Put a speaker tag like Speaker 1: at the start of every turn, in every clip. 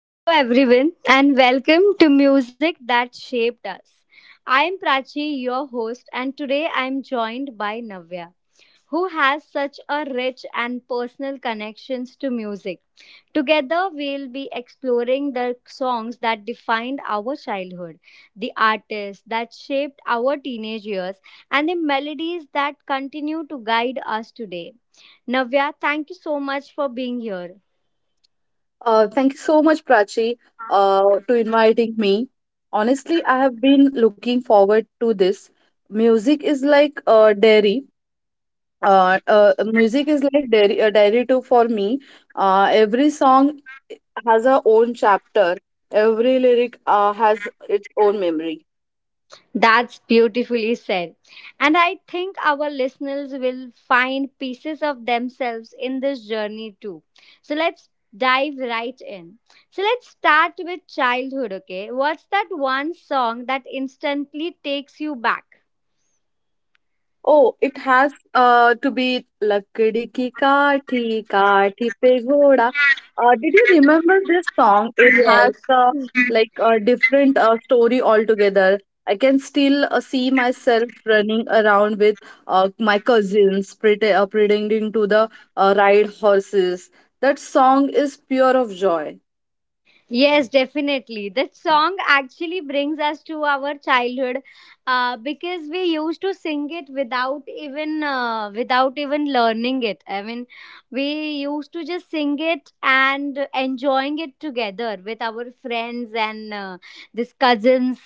Speaker 1: Hello, everyone, and welcome to Music That Shaped Us. I am Prachi, your host, and today I am joined by Navya, who has such a rich and personal connections to music. Together, we'll be exploring the songs that defined our childhood, the artists that shaped our teenage years, and the melodies that continue to guide us today. Navya, thank you so much for being here.
Speaker 2: Thank you so much, Prachi, to inviting me. Honestly, I have been looking forward to this. Music is like dairy. Music is like dairy, dairy too for me. Every song has a own chapter. Every lyric has its own memory.
Speaker 1: That's beautifully said. And I think our listeners will find pieces of themselves in this journey too. So let's dive right in. So let's start with childhood, okay? What's that one song that instantly takes you back?
Speaker 2: Oh, it has to be Lakdi ki kaathi, kaathi pe ghoda. Did you remember this song? It has like a different story altogether. I can still see myself running around with my cousins, pretending to the ride horses. That song is pure of joy.
Speaker 1: Yes, definitely. That song actually brings us to our childhood because we used to sing it without even without even learning it. I mean, we used to just sing it and enjoying it together with our friends and these cousins.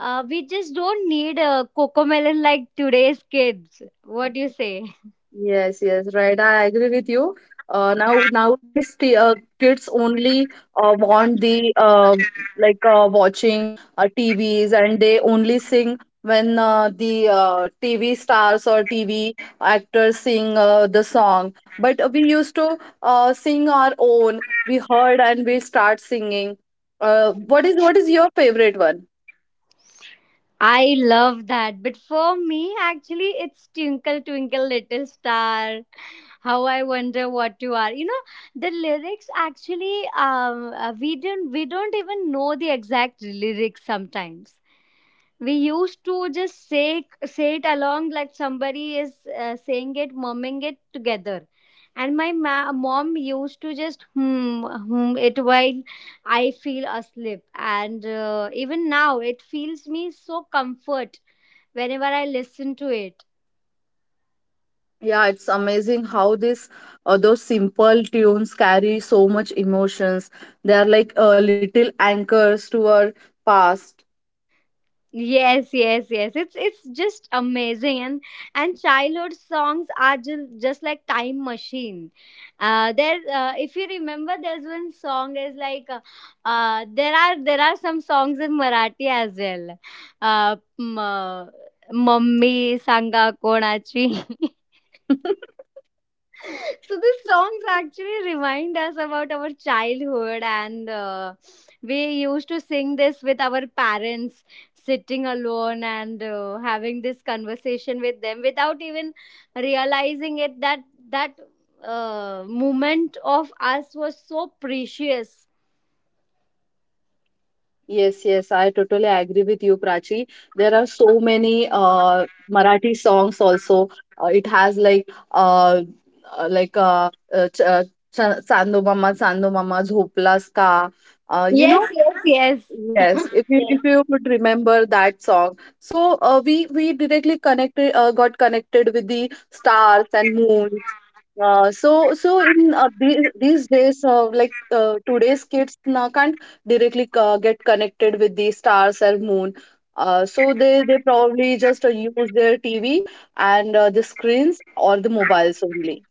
Speaker 1: We just don't need a cocomelon like today's kids. What do you say?
Speaker 2: Yes, yes, right. I agree with you. Now nowadays the kids only want the like watching TVs and they only sing when the TV stars or TV actors sing the song. But we used to sing our own. We heard and we start singing. What is your favorite one?
Speaker 1: I love that. But for me, actually, it's Twinkle Twinkle Little Star. How I wonder what you are. The lyrics actually, we don't even know the exact lyrics sometimes we used to just say it along like somebody is saying it mumming it together, and my mom used to just hmm, hmm it while I feel asleep, and even now it feels me so comfort whenever I listen to it.
Speaker 2: Yeah, it's amazing how this those simple tunes carry so much emotions. They are like little anchors to our past.
Speaker 1: Yes, yes, yes. It's just amazing, and childhood songs are just like time machine. If you remember, there's one song is like, there are some songs in Marathi as well. Uh, m- uh, Mummy Sanga Konachi. So the songs actually remind us about our childhood, and we used to sing this with our parents sitting alone and having this conversation with them without even realizing it that that moment of us was so precious.
Speaker 2: Yes, yes, I totally agree with you, Prachi. There are so many Marathi songs also. It has like ch ch Chandu Mama, Chandu Mama, Zhopla's Ka. You
Speaker 1: Yes,
Speaker 2: know,
Speaker 1: yes,
Speaker 2: yes, if you
Speaker 1: yes.
Speaker 2: if you would remember that song, so we directly connected got connected with the stars and moons. So in these days, today's kids now can't directly get connected with the stars and moon. So they probably just use their TV and the screens or the mobiles only.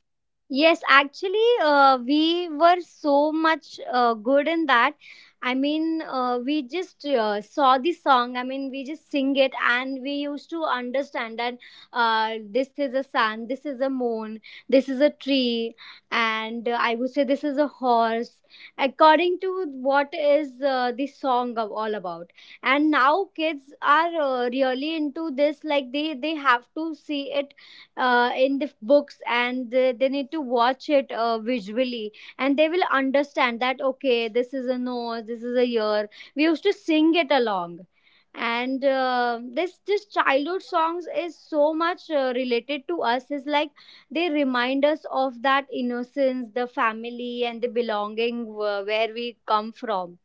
Speaker 1: Yes, actually, we were so much good in that. I mean, we just saw the song. I mean, we just sing it, and we used to understand that this is a sun, this is a moon, this is a tree, and I would say this is a horse, according to what is the song of, all about. And now kids are really into this. Like they have to see it in the books, and they need to watch it visually, and they will understand that okay, this is a nose, this is a ear. We used to sing it along, and this childhood songs is so much related to us, is like they remind us of that innocence, the family, and the belonging, where we come from.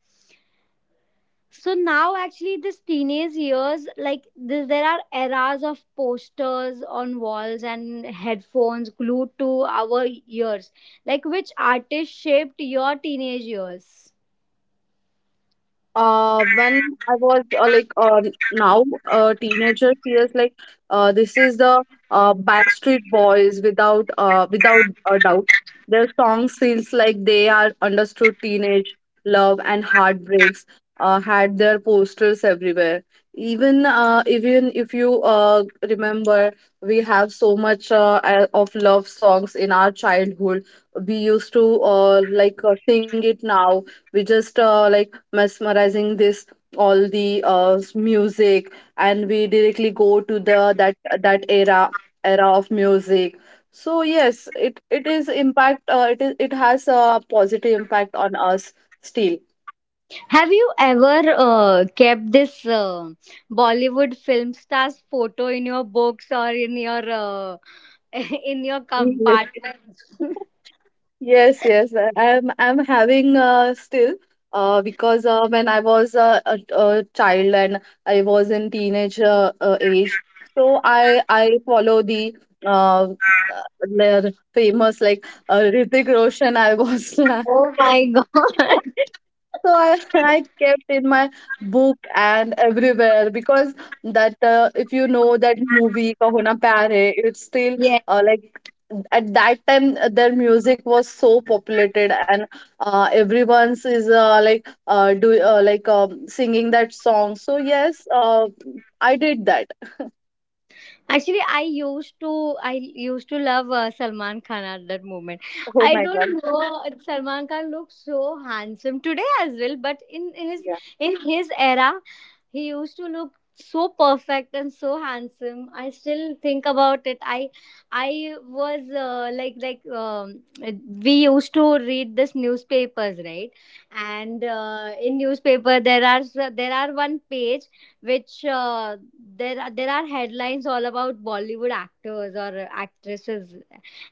Speaker 1: So now, actually, this teenage years, like this, there are eras of posters on walls and headphones glued to our ears. Like, which artist shaped your teenage years?
Speaker 2: When I was like now, a teenager feels like this is the Backstreet Boys without a doubt. Their songs feels like they are understood teenage love and heartbreaks. Had their posters everywhere. Even if you remember, we have so much of love songs in our childhood. We used to like sing it now. We just like mesmerizing this all the music, and we directly go to the that that era of music. So yes, it is impact it is it has a positive impact on us still.
Speaker 1: Have you ever kept this Bollywood film star's photo in your books or in your in your
Speaker 2: Yes.
Speaker 1: compartment?
Speaker 2: Yes, yes, I'm having still, because when I was a child and I was in teenage age, so I follow uh, uh, their famous like Hrithik Roshan. I was like,
Speaker 1: Oh my god!
Speaker 2: so I kept in my book and everywhere because that if you know that movie Kahona Pyare, it's still
Speaker 1: Yes.
Speaker 2: like at that time their music was so populated and everyone's is like do like singing that song. So yes, I did that.
Speaker 1: Actually, I used to love Salman Khan at that moment.
Speaker 2: Oh
Speaker 1: I
Speaker 2: my God.
Speaker 1: don't know, Salman Khan looks so handsome today as well, but in his
Speaker 2: Yeah.
Speaker 1: era, he used to look so perfect and so handsome. I still think about it. I was we used to read this newspapers right, and in newspaper there are one page which there are headlines all about Bollywood actors or actresses,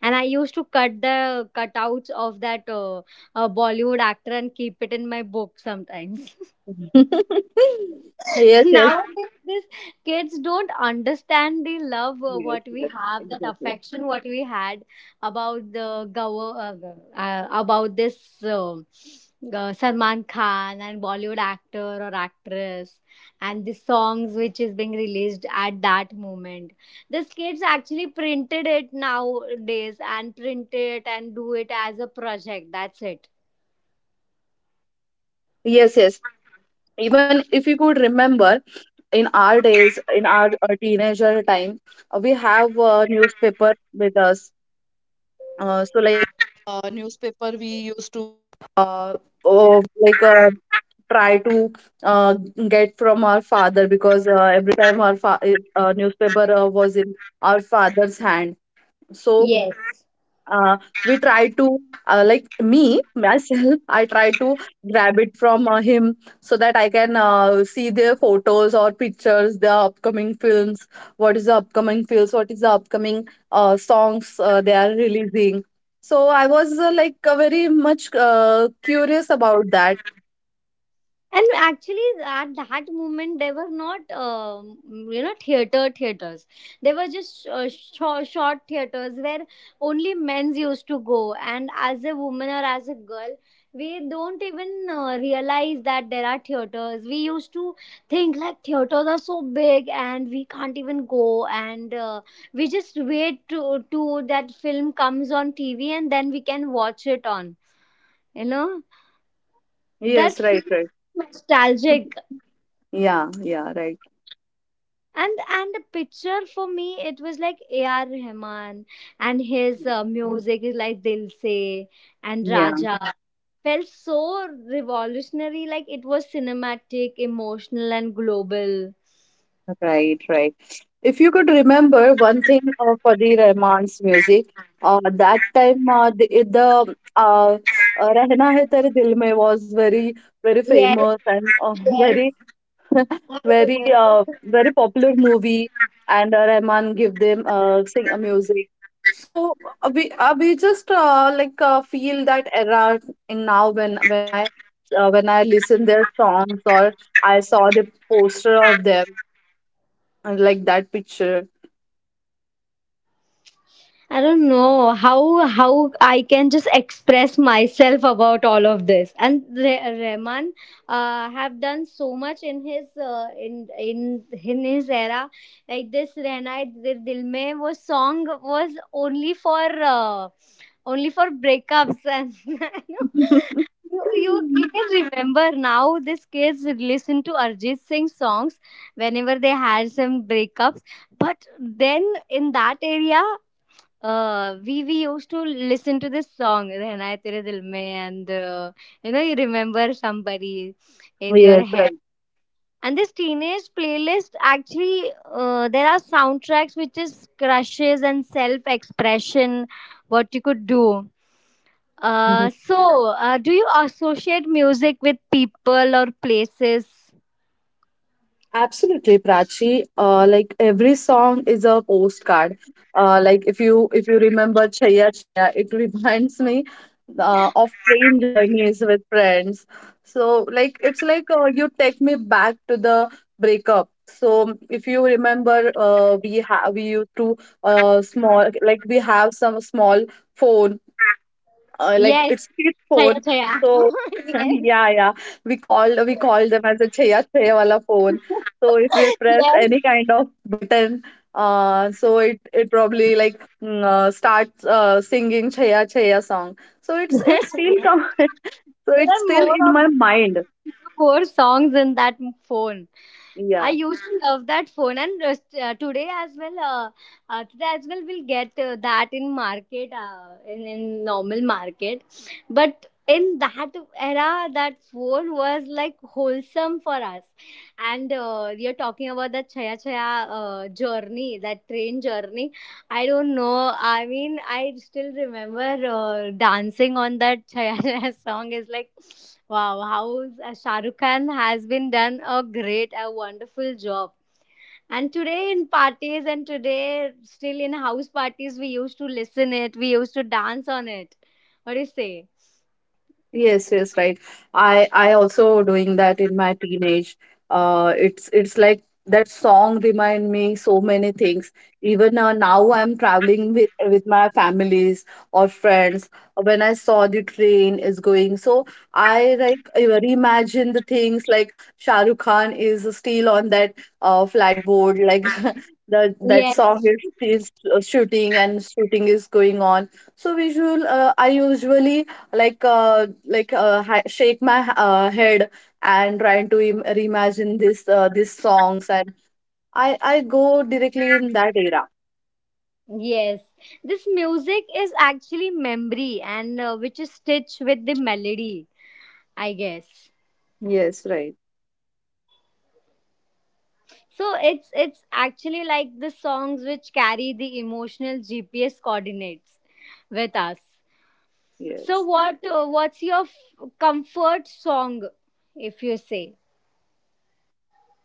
Speaker 1: and I used to cut the cutouts of that Bollywood actor and keep it in my book sometimes.
Speaker 2: Yes, yes.
Speaker 1: Nowadays, these kids don't understand the love
Speaker 2: Yes,
Speaker 1: what we
Speaker 2: yes,
Speaker 1: have, that
Speaker 2: exactly.
Speaker 1: affection what we had about the about this Salman Khan and Bollywood actor or actress, and the songs which is being released at that moment. These kids actually printed it nowadays and print it and do it as a project. That's it.
Speaker 2: Yes, yes. Even if you could remember, in our days, in our teenager time, we have a newspaper with us. So like newspaper, we used to like try to uh, get from our father, because every time newspaper was in our father's hand. So
Speaker 1: Yes.
Speaker 2: uh, we try to like me myself I try to grab it from him, so that I can see their photos or pictures, their upcoming films. What is the upcoming songs they are releasing. So I was like very much curious about that.
Speaker 1: And actually, at that moment, they were not, you know, theaters. They were just short theaters where only men's used to go. And as a woman or as a girl, we don't even realize that there are theaters. We used to think like theaters are so big and we can't even go. And we just wait to that film comes on TV and then we can watch it on. You know, that
Speaker 2: Yes, right,
Speaker 1: feels
Speaker 2: right.
Speaker 1: nostalgic,
Speaker 2: Yeah, yeah, right.
Speaker 1: and the picture for me it was like ar rahman, and his music is like dil se and
Speaker 2: Yeah.
Speaker 1: raja, felt so revolutionary, like it was cinematic, emotional, and global.
Speaker 2: Right, right. If you could remember one thing for the Rahman's music, that time, the Rehna Hai Tere Dil Mein was very, very
Speaker 1: Yes,
Speaker 2: famous and
Speaker 1: yes,
Speaker 2: very,
Speaker 1: I
Speaker 2: very,
Speaker 1: remember.
Speaker 2: very popular movie. And Rahman give them sing music. So we just like feel that era in now when when I listen their songs, or I saw the poster of them. I like that picture.
Speaker 1: I don't know how I can just express myself about all of this. And Rehman have done so much in his in his era. Like this "Rehna Hai Dil Mein" was song was only for uh, only for breakups, and you know you, you you can remember now these kids listen to Arjit Singh songs whenever they had some breakups. But then in that area we used to listen to this song "Rehna Hai Tere Dil Mein," and you know, you remember somebody in your
Speaker 2: Yes,
Speaker 1: head.
Speaker 2: right.
Speaker 1: And this teenage playlist actually there are soundtracks which is crushes and self expression, what you could do.
Speaker 2: Mhm.
Speaker 1: Uh, so do you associate music with people or places?
Speaker 2: Absolutely, Prachi. Like every song is a postcard. Like, if you remember Chaya Chaya, it reminds me of train journeys with friends. So like it's like you take me back to the breakup. So if you remember, we used to, small, like we have some small phone, like
Speaker 1: Yes,
Speaker 2: it's his
Speaker 1: Chaya
Speaker 2: phone.
Speaker 1: Chaya.
Speaker 2: So yeah, yeah. We called them as a cheya cheya wala phone. So if we press
Speaker 1: Yes,
Speaker 2: any kind of button, so it probably like starts singing cheya cheya song. So it's still
Speaker 1: yes.
Speaker 2: come. So
Speaker 1: There
Speaker 2: it's
Speaker 1: are
Speaker 2: still
Speaker 1: more
Speaker 2: in
Speaker 1: of
Speaker 2: my mind.
Speaker 1: the four songs in that phone. I
Speaker 2: Yeah.
Speaker 1: used to love that phone, and today as well. Today as well, we'll get that in market, in normal market, but. In that era, that phone was like wholesome for us, and you're talking about that Chaya Chaya journey, that train journey. I don't know. I mean, I still remember dancing on that Chaya Chaya song. Is like, wow, how Shah Rukh Khan has been done a great, a wonderful job. And today in parties and today still in house parties, we used to listen it. We used to dance on it. What do you say?
Speaker 2: Yes, yes, right. I also doing that in my teenage. It's like that song remind me so many things. Even now I'm traveling with my families or friends. When I saw the train is going, so I like imagine the things like Shah Rukh Khan is still on that flatboard, like the that song
Speaker 1: Yes.
Speaker 2: is shooting and shooting is going on. So visual, I usually like shake my head, and trying to reimagine this these songs, and I go directly in that era.
Speaker 1: Yes. This music is actually memory, and which is stitched with the melody, I guess.
Speaker 2: Yes, right.
Speaker 1: So it's actually like the songs which carry the emotional GPS coordinates with us. So
Speaker 2: Yes.
Speaker 1: what what's your comfort song if you say?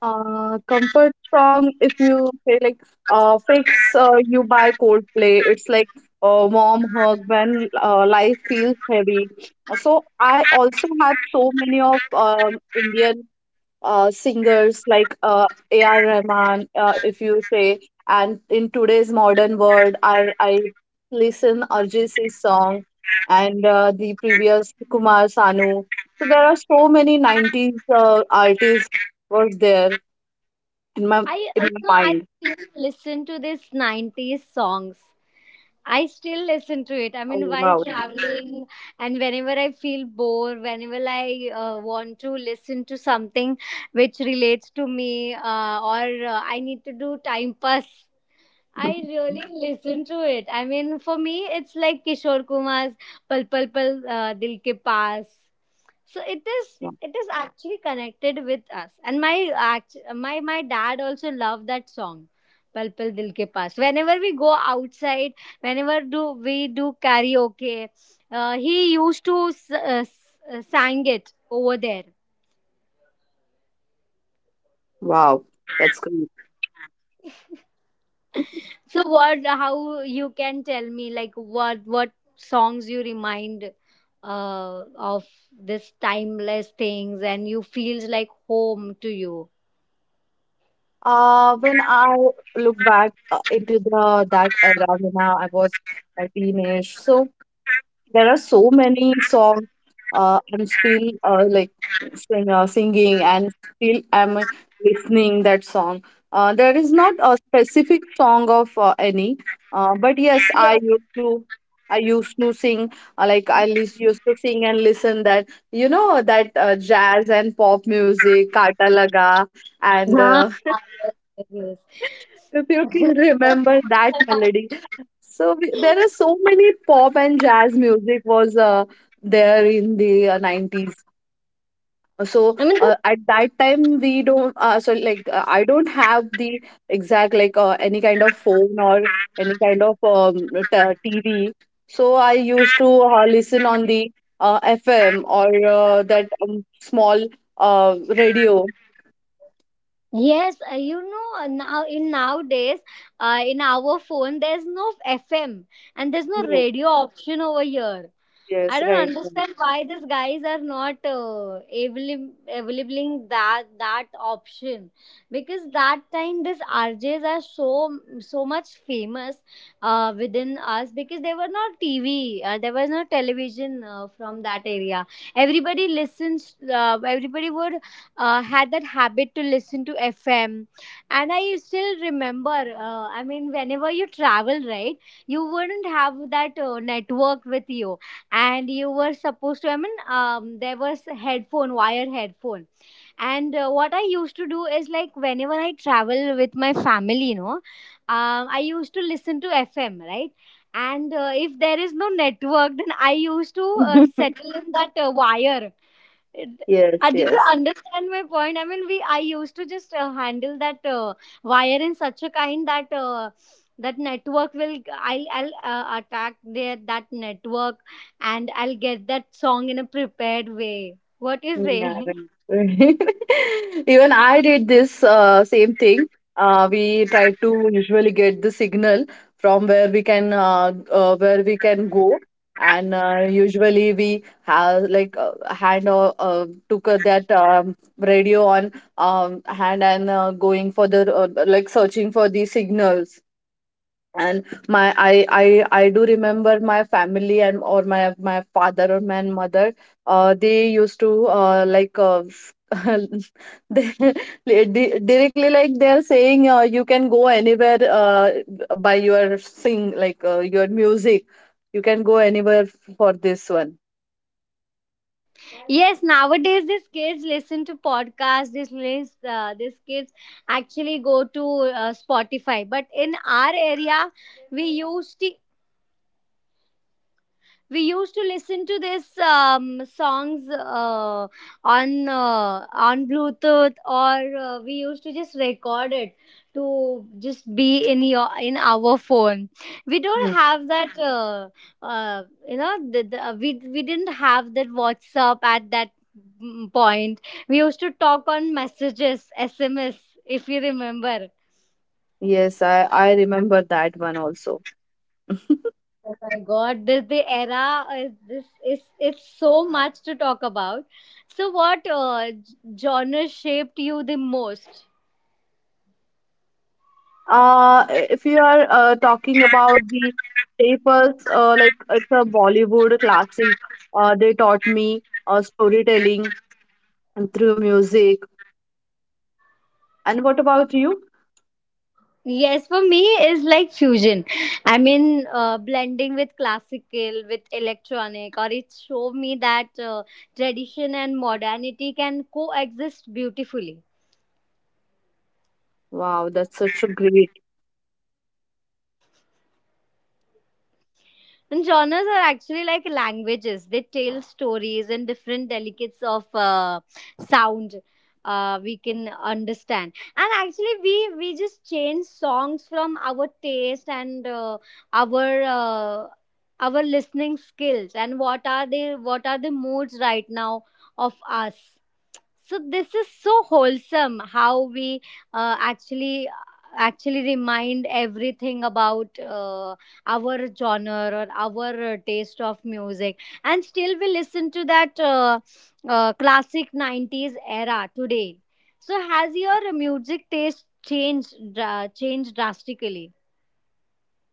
Speaker 2: Comfort song, if you say, like, Fix You by Coldplay. It's like a warm hug when life feels heavy. So I also have so many of Indian singers like A.R. Rahman, if you say. And in today's modern world, I listen Arjit song, and the previous Kumar Sanu. So there are so many 90s artists was there in my
Speaker 1: I
Speaker 2: in
Speaker 1: you
Speaker 2: my
Speaker 1: know I
Speaker 2: mind.
Speaker 1: still listen to this 90s songs. I still listen to it. I
Speaker 2: Oh,
Speaker 1: mean, while
Speaker 2: wow.
Speaker 1: traveling and whenever I feel bored, whenever I want to listen to something which relates to me or I need to do time pass, I really listen to it. I mean, for me, it's like Kishore Kumar's "Pal Pal Dil Ke Paas." So it is.
Speaker 2: Yeah.
Speaker 1: It is actually connected with us. And my my dad also loved that song, "Pal Pal Dil Ke Paas." Whenever we go outside, whenever do we do karaoke, he used to sang it over there.
Speaker 2: Wow, that's great.
Speaker 1: So what? How you can tell me like what songs you remind of this timeless things and you feels like home to you.
Speaker 2: When I look back into the that era when I was a teenage, so there are so many songs I'm still like singing and still am listening that song. There is not a specific song of any, but yes, I
Speaker 1: Yes.
Speaker 2: used to I used to sing like I lis- used to sing and listen that, you know, that jazz and pop music, Kata Laga, and
Speaker 1: Ah, yes.
Speaker 2: if you
Speaker 1: Yes.
Speaker 2: can remember that melody. So there are so many pop and jazz music was there in the 90s. So
Speaker 1: I mean,
Speaker 2: at that time we don't so like I don't have the exact like any kind of phone or any kind of TV. So I used to listen on the FM or that small radio.
Speaker 1: yes, you know, now in nowadays, in our phone, there's no FM and there's no
Speaker 2: Yes,
Speaker 1: radio option over here. I
Speaker 2: yes,
Speaker 1: don't
Speaker 2: right.
Speaker 1: understand why these guys are not availing that option because that time these RJs are so much famous within us because there were no TV, there was no television from that area. Everybody listens. Everybody would had that habit to listen to FM, and I still remember. I mean, whenever you travel, right, you wouldn't have that network with you, and you were supposed to, I mean, there was headphone, wire headphone, and what I used to do is like, whenever I travel with my family, you know, I used to listen to fm, right, and if there is no network, then I used to
Speaker 2: Right.
Speaker 1: settle in that wire it-
Speaker 2: Yes,
Speaker 1: did you
Speaker 2: yes.
Speaker 1: understand my point? I mean, we I used to just handle that wire in such a kind that that network will I'll attack their that network, and I'll get that song in a prepared way. What is
Speaker 2: Yeah,
Speaker 1: it?
Speaker 2: right. Even I did this same thing. We try to usually get the signal from where we can go, and usually we have like hand or took that radio on hand, and going for the like searching for the signals. And my I do remember my family and or my father or my mother. They used to like directly like they are saying, you can go anywhere by your sing, like your music. You can go anywhere for this one.
Speaker 1: Yes, nowadays these kids listen to podcasts. These kids actually go to Spotify. But in our area, we used to we used to listen to this songs on bluetooth or we used to just record it to just be in your in our phone. We don't
Speaker 2: Hmm.
Speaker 1: have that we didn't have that whatsapp at that point. We used to talk on messages, sms, if you remember.
Speaker 2: Yes, I remember that one also.
Speaker 1: Oh my God, this the era is this is it's so much to talk about. So what genre shaped you the most?
Speaker 2: If you are talking about the staples, like it's a Bollywood classic. They taught me storytelling and through music. And what about you?
Speaker 1: Yes, for me is like fusion. I mean, blending with classical with electronic, or it showed me that tradition and modernity can coexist beautifully.
Speaker 2: Wow, that's such a great.
Speaker 1: And genres are actually like languages. They tell stories in different delicates of sound we can understand. And actually, we just change songs from our taste and our. Uh, our listening skills and what are the moods right now of us. So this is so wholesome how we uh, actually actually remind everything about our genre or our taste of music, and still we listen to that classic 90s era today. So has your music taste changed drastically?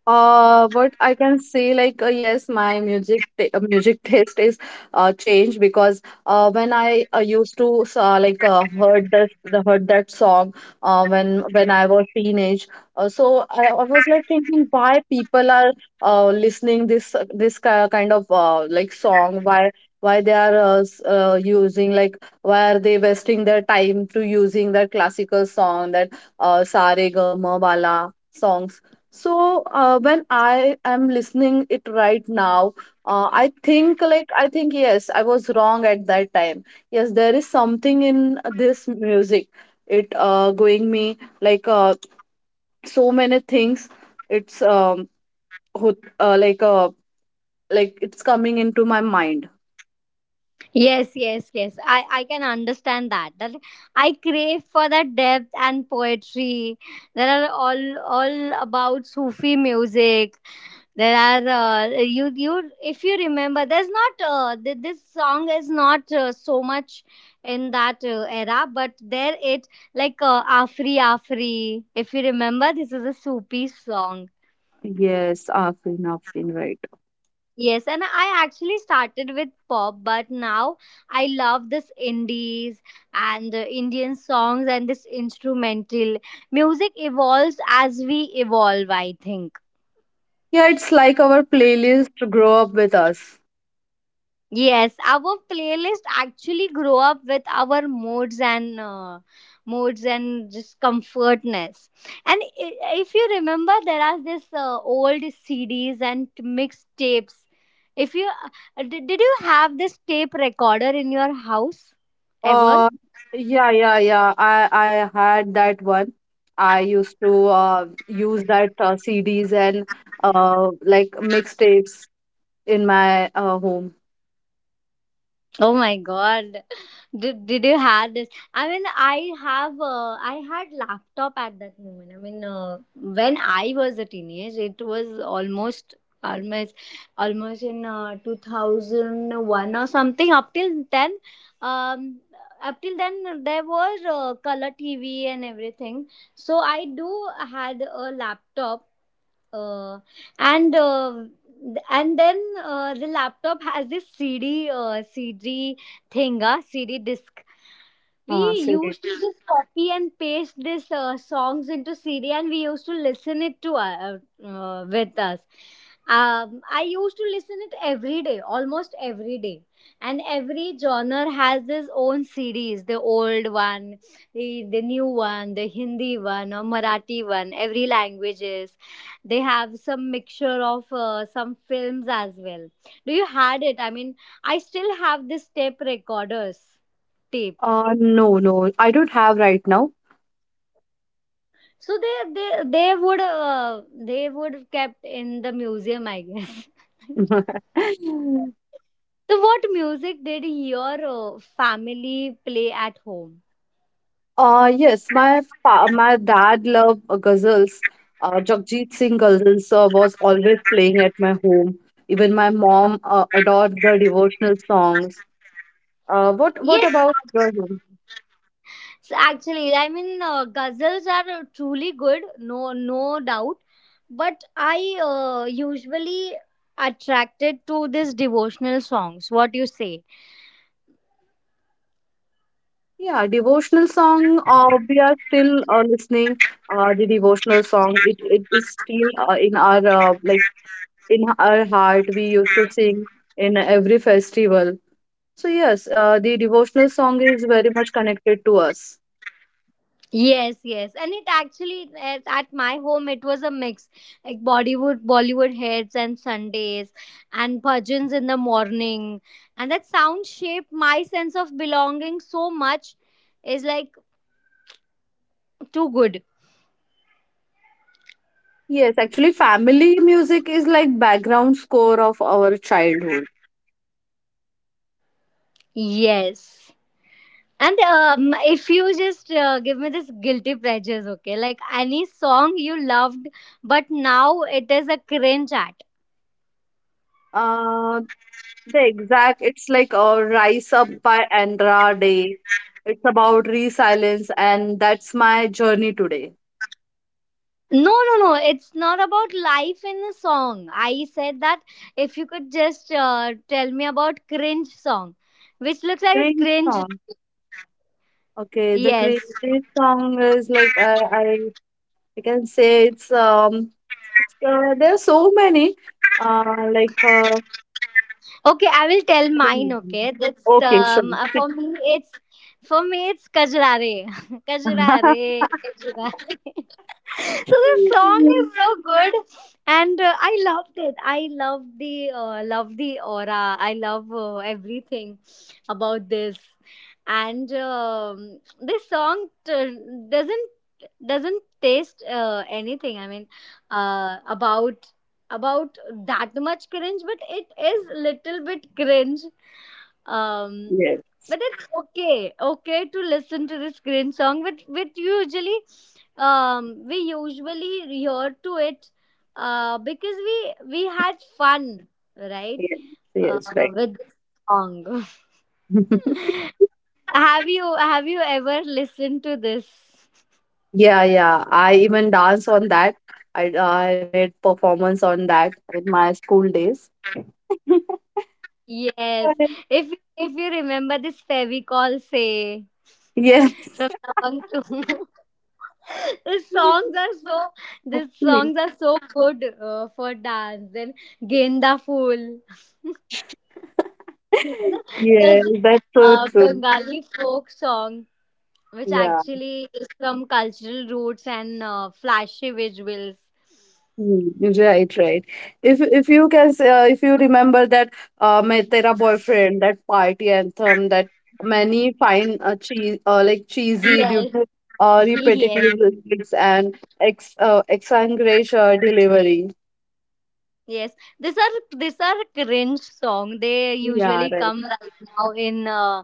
Speaker 2: What I can say, like, yes, my music taste is changed, because when I used to like heard the heard that song when I was teenage, so I was like thinking, why people are listening this kind of like song. Why they are using, like why are they wasting their time to using that classical song, that Sa Re Ga Ma Wala songs. So when I am listening it right now, I think, yes, I was wrong at that time. Yes, there is something in this music. It going me like so many things. It's ho- uh, like uh, like it's coming into my mind.
Speaker 1: Yes, yes, yes. I can understand that. That I crave for that depth and poetry. There are all about Sufi music. There are you if you remember, there's not this song is not so much in that era, but there it like Afri Afri. If you remember, this is a Sufi song.
Speaker 2: Yes, Afrin, Afrin, right.
Speaker 1: Yes, and I actually started with pop, but now I love this indies and the Indian songs and this instrumental. Music evolves as we evolve, I think.
Speaker 2: Yeah, it's like our playlist grow up with us.
Speaker 1: Yes, our playlist actually grow up with our moods and just comfortness. And if you remember, there are this old CDs and mixtapes. If you did, you have this tape recorder in your house ever?
Speaker 2: Uh, yeah, yeah, yeah. I had that one. I used to use that CDs and like mixtapes in my home.
Speaker 1: Oh my god. Did you had this? I mean, I had laptop at that moment. I mean, when I was a teenager, it was almost, almost in 2001 or something. Up till then, um, up till then, there was color TV and everything. So I do had a laptop uh, and uh, and then the laptop has this cd disc. We
Speaker 2: CD.
Speaker 1: used to just copy and paste these songs into cd and we used to listen it to with us. I used to listen it every day, almost every day. And every genre has its own series, the old one, the new one, the hindi one or marathi one, every languages. They have some mixture of some films as well. Do you had it? I mean, I still have this tape recorders, tape.
Speaker 2: No, no, I don't have right now.
Speaker 1: So they would uh, they would have kept in the museum, I guess. So what music did your family play at home?
Speaker 2: Yes, my dad loved ghazals. Jagjit Singh ghazals was always playing at my home. Even my mom adored the devotional songs. What
Speaker 1: Yes.
Speaker 2: about your?
Speaker 1: So actually, I mean, ghazals are truly good, no doubt. But I usually attracted to these devotional songs. What you say?
Speaker 2: Yeah, devotional song. We are still listening. The devotional song. It is still in our heart. We used to sing in every festival. So yes, the devotional song is very much connected to us.
Speaker 1: Yes, yes, and it actually at my home it was a mix like Bollywood hits and Sundays, and bhajans in the morning, and that sound shaped my sense of belonging so much. Is like too good.
Speaker 2: Yes, actually, family music is like background score of our childhood.
Speaker 1: Yes. And if you just give me this guilty pleasures, okay? Like any song you loved, but now it is a cringe at.
Speaker 2: Uh, the exact, it's like "Rise Up" by Andra Day. It's about resilience, and that's my journey today.
Speaker 1: No, no, no. It's not about life in the song. I said that if you could just tell me about cringe song, which looks like a
Speaker 2: Cringe
Speaker 1: cringe.
Speaker 2: song. Okay, the
Speaker 1: Yes.
Speaker 2: cringe song is like I can say, it's there are so many uh like uh
Speaker 1: Okay, I will tell
Speaker 2: I don't
Speaker 1: mine.
Speaker 2: remember.
Speaker 1: Okay, that's
Speaker 2: Okay, sure.
Speaker 1: for me. It's for me, it's Kajra Re, Kajrare, Kajrare, Kajrare. So the song is so good and I loved it, I love the aura, I love everything about this. And this song t- doesn't doesn't taste anything. I mean, uh, about about that much cringe, but it is little bit cringe. um
Speaker 2: Yes,
Speaker 1: but it's okay, okay to listen to this cringe song, but usually we usually hear to it because we had fun, right?
Speaker 2: yes,
Speaker 1: Uh,
Speaker 2: yes, right.
Speaker 1: with this song. Have you ever listened to this?
Speaker 2: Yeah, yeah, I even dance on that. I made performance on that in my school days.
Speaker 1: Yes. If if you remember this Fevicol say
Speaker 2: Yes.
Speaker 1: from Dabang Chum. These songs are so these
Speaker 2: Actually.
Speaker 1: songs are so good for dance. Then Genda Fool, you know,
Speaker 2: Yes,
Speaker 1: the
Speaker 2: that's so true.
Speaker 1: Bengali folk song, which
Speaker 2: Yeah.
Speaker 1: actually is from cultural roots and flashy visuals.
Speaker 2: Hmm, right, right. If if you remember that "Main Tera Boyfriend," that party anthem that many find like cheesy, due
Speaker 1: Yes,
Speaker 2: to repetitive
Speaker 1: yes,
Speaker 2: lyrics and ex exaggeration delivery.
Speaker 1: yes. These are cringe song. They
Speaker 2: Yeah,
Speaker 1: usually
Speaker 2: right.
Speaker 1: come right now in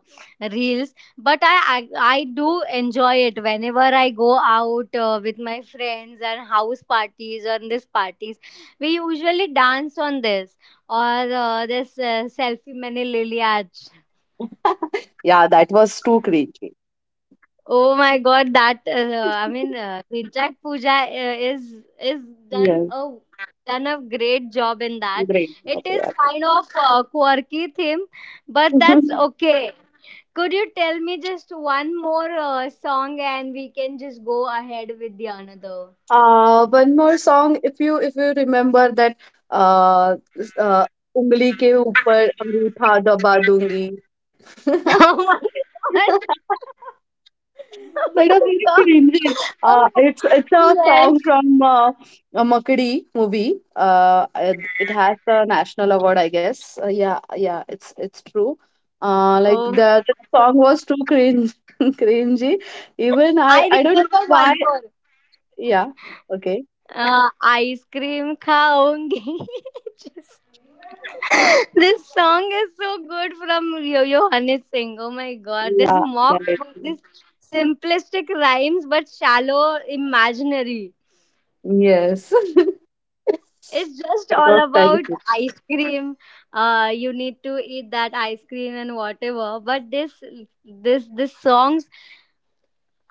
Speaker 1: reels, but I do enjoy it whenever I go out with my friends and house parties or these parties. We usually dance on this or this selfie many liliaj.
Speaker 2: Yeah, that was too cringy.
Speaker 1: Oh my God, that I mean, Rinchak Puja is done
Speaker 2: Yes,
Speaker 1: a done a great job in that.
Speaker 2: great
Speaker 1: It is
Speaker 2: idea.
Speaker 1: kind of a quirky theme, but that's okay. Could you tell me just one more song and we can just go ahead with the another?
Speaker 2: One more song, if you remember that uh, s- uh उंगली के ऊपर अंगूठा दबा दूंगी.
Speaker 1: Oh my
Speaker 2: That was
Speaker 1: God!
Speaker 2: really cringy.
Speaker 1: Oh
Speaker 2: It's a
Speaker 1: yes.
Speaker 2: song from a Makadi movie. It has the national award, I guess. Yeah, yeah, it's true. Like
Speaker 1: Oh,
Speaker 2: the song was too cringe, cringy. Even I
Speaker 1: I
Speaker 2: I don't know
Speaker 1: remember
Speaker 2: why.
Speaker 1: one more.
Speaker 2: Yeah, okay.
Speaker 1: Ice cream खाऊंगी. Just this song is so good from Yo Yo Honey Singh. Oh my god, this
Speaker 2: Yeah,
Speaker 1: mock,
Speaker 2: that is.
Speaker 1: this simplistic rhymes but shallow imaginary.
Speaker 2: Yes.
Speaker 1: It's just
Speaker 2: That
Speaker 1: all
Speaker 2: was
Speaker 1: about
Speaker 2: terrific.
Speaker 1: ice cream. You need to eat that ice cream and whatever. But this songs,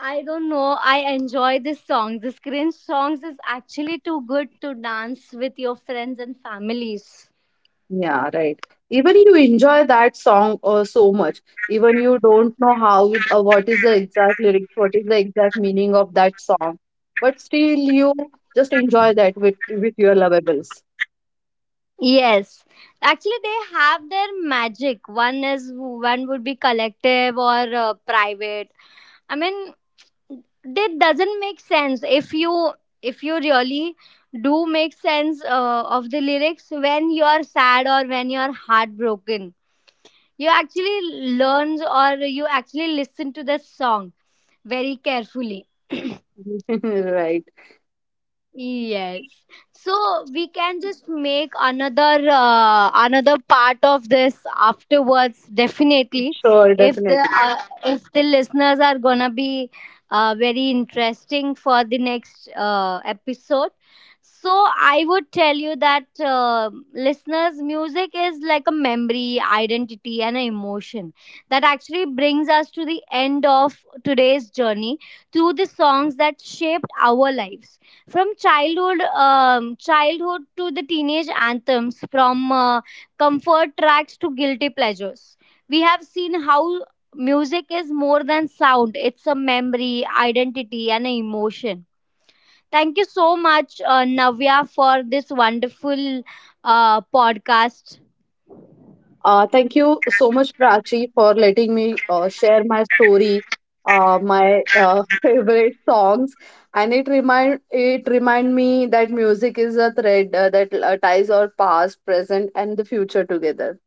Speaker 1: I don't know. I enjoy this songs. This cringe songs is actually too good to dance with your friends and families.
Speaker 2: Yeah, right. Even you enjoy that song so much, even you don't know how what is the exact lyrics, what is the exact meaning of that song, but still you just enjoy that with your lovables.
Speaker 1: Yes, actually, they have their magic. One would be collective or private. I mean, that doesn't make sense if you really do make sense of the lyrics when you're sad or when you're heartbroken. You actually learn or you actually listen to the song very carefully.
Speaker 2: Right.
Speaker 1: Yes. So we can just make another part of this afterwards, definitely,
Speaker 2: Sure,
Speaker 1: if the
Speaker 2: definitely.
Speaker 1: uh, if the listeners are going to be very interesting for the next episode. So I would tell you that listeners, music is like a memory, identity and an emotion that actually brings us to the end of today's journey through the songs that shaped our lives from childhood, to the teenage anthems, from comfort tracks to guilty pleasures. We have seen how music is more than sound. It's a memory, identity and an emotion. Thank you so much, navya, for this wonderful podcast.
Speaker 2: Thank you so much, Prachi, for letting me share my story, my favorite songs, and it remind me that music is a thread that ties our past, present, and the future together.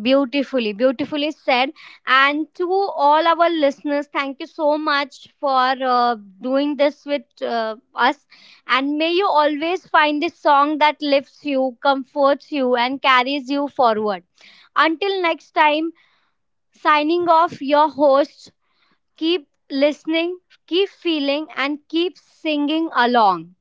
Speaker 1: Beautifully, beautifully said. And to all our listeners, thank you so much for doing this with us. And may you always find a song that lifts you, comforts you, and carries you forward. Until next time, signing off your host. Keep listening, keep feeling, and keep singing along.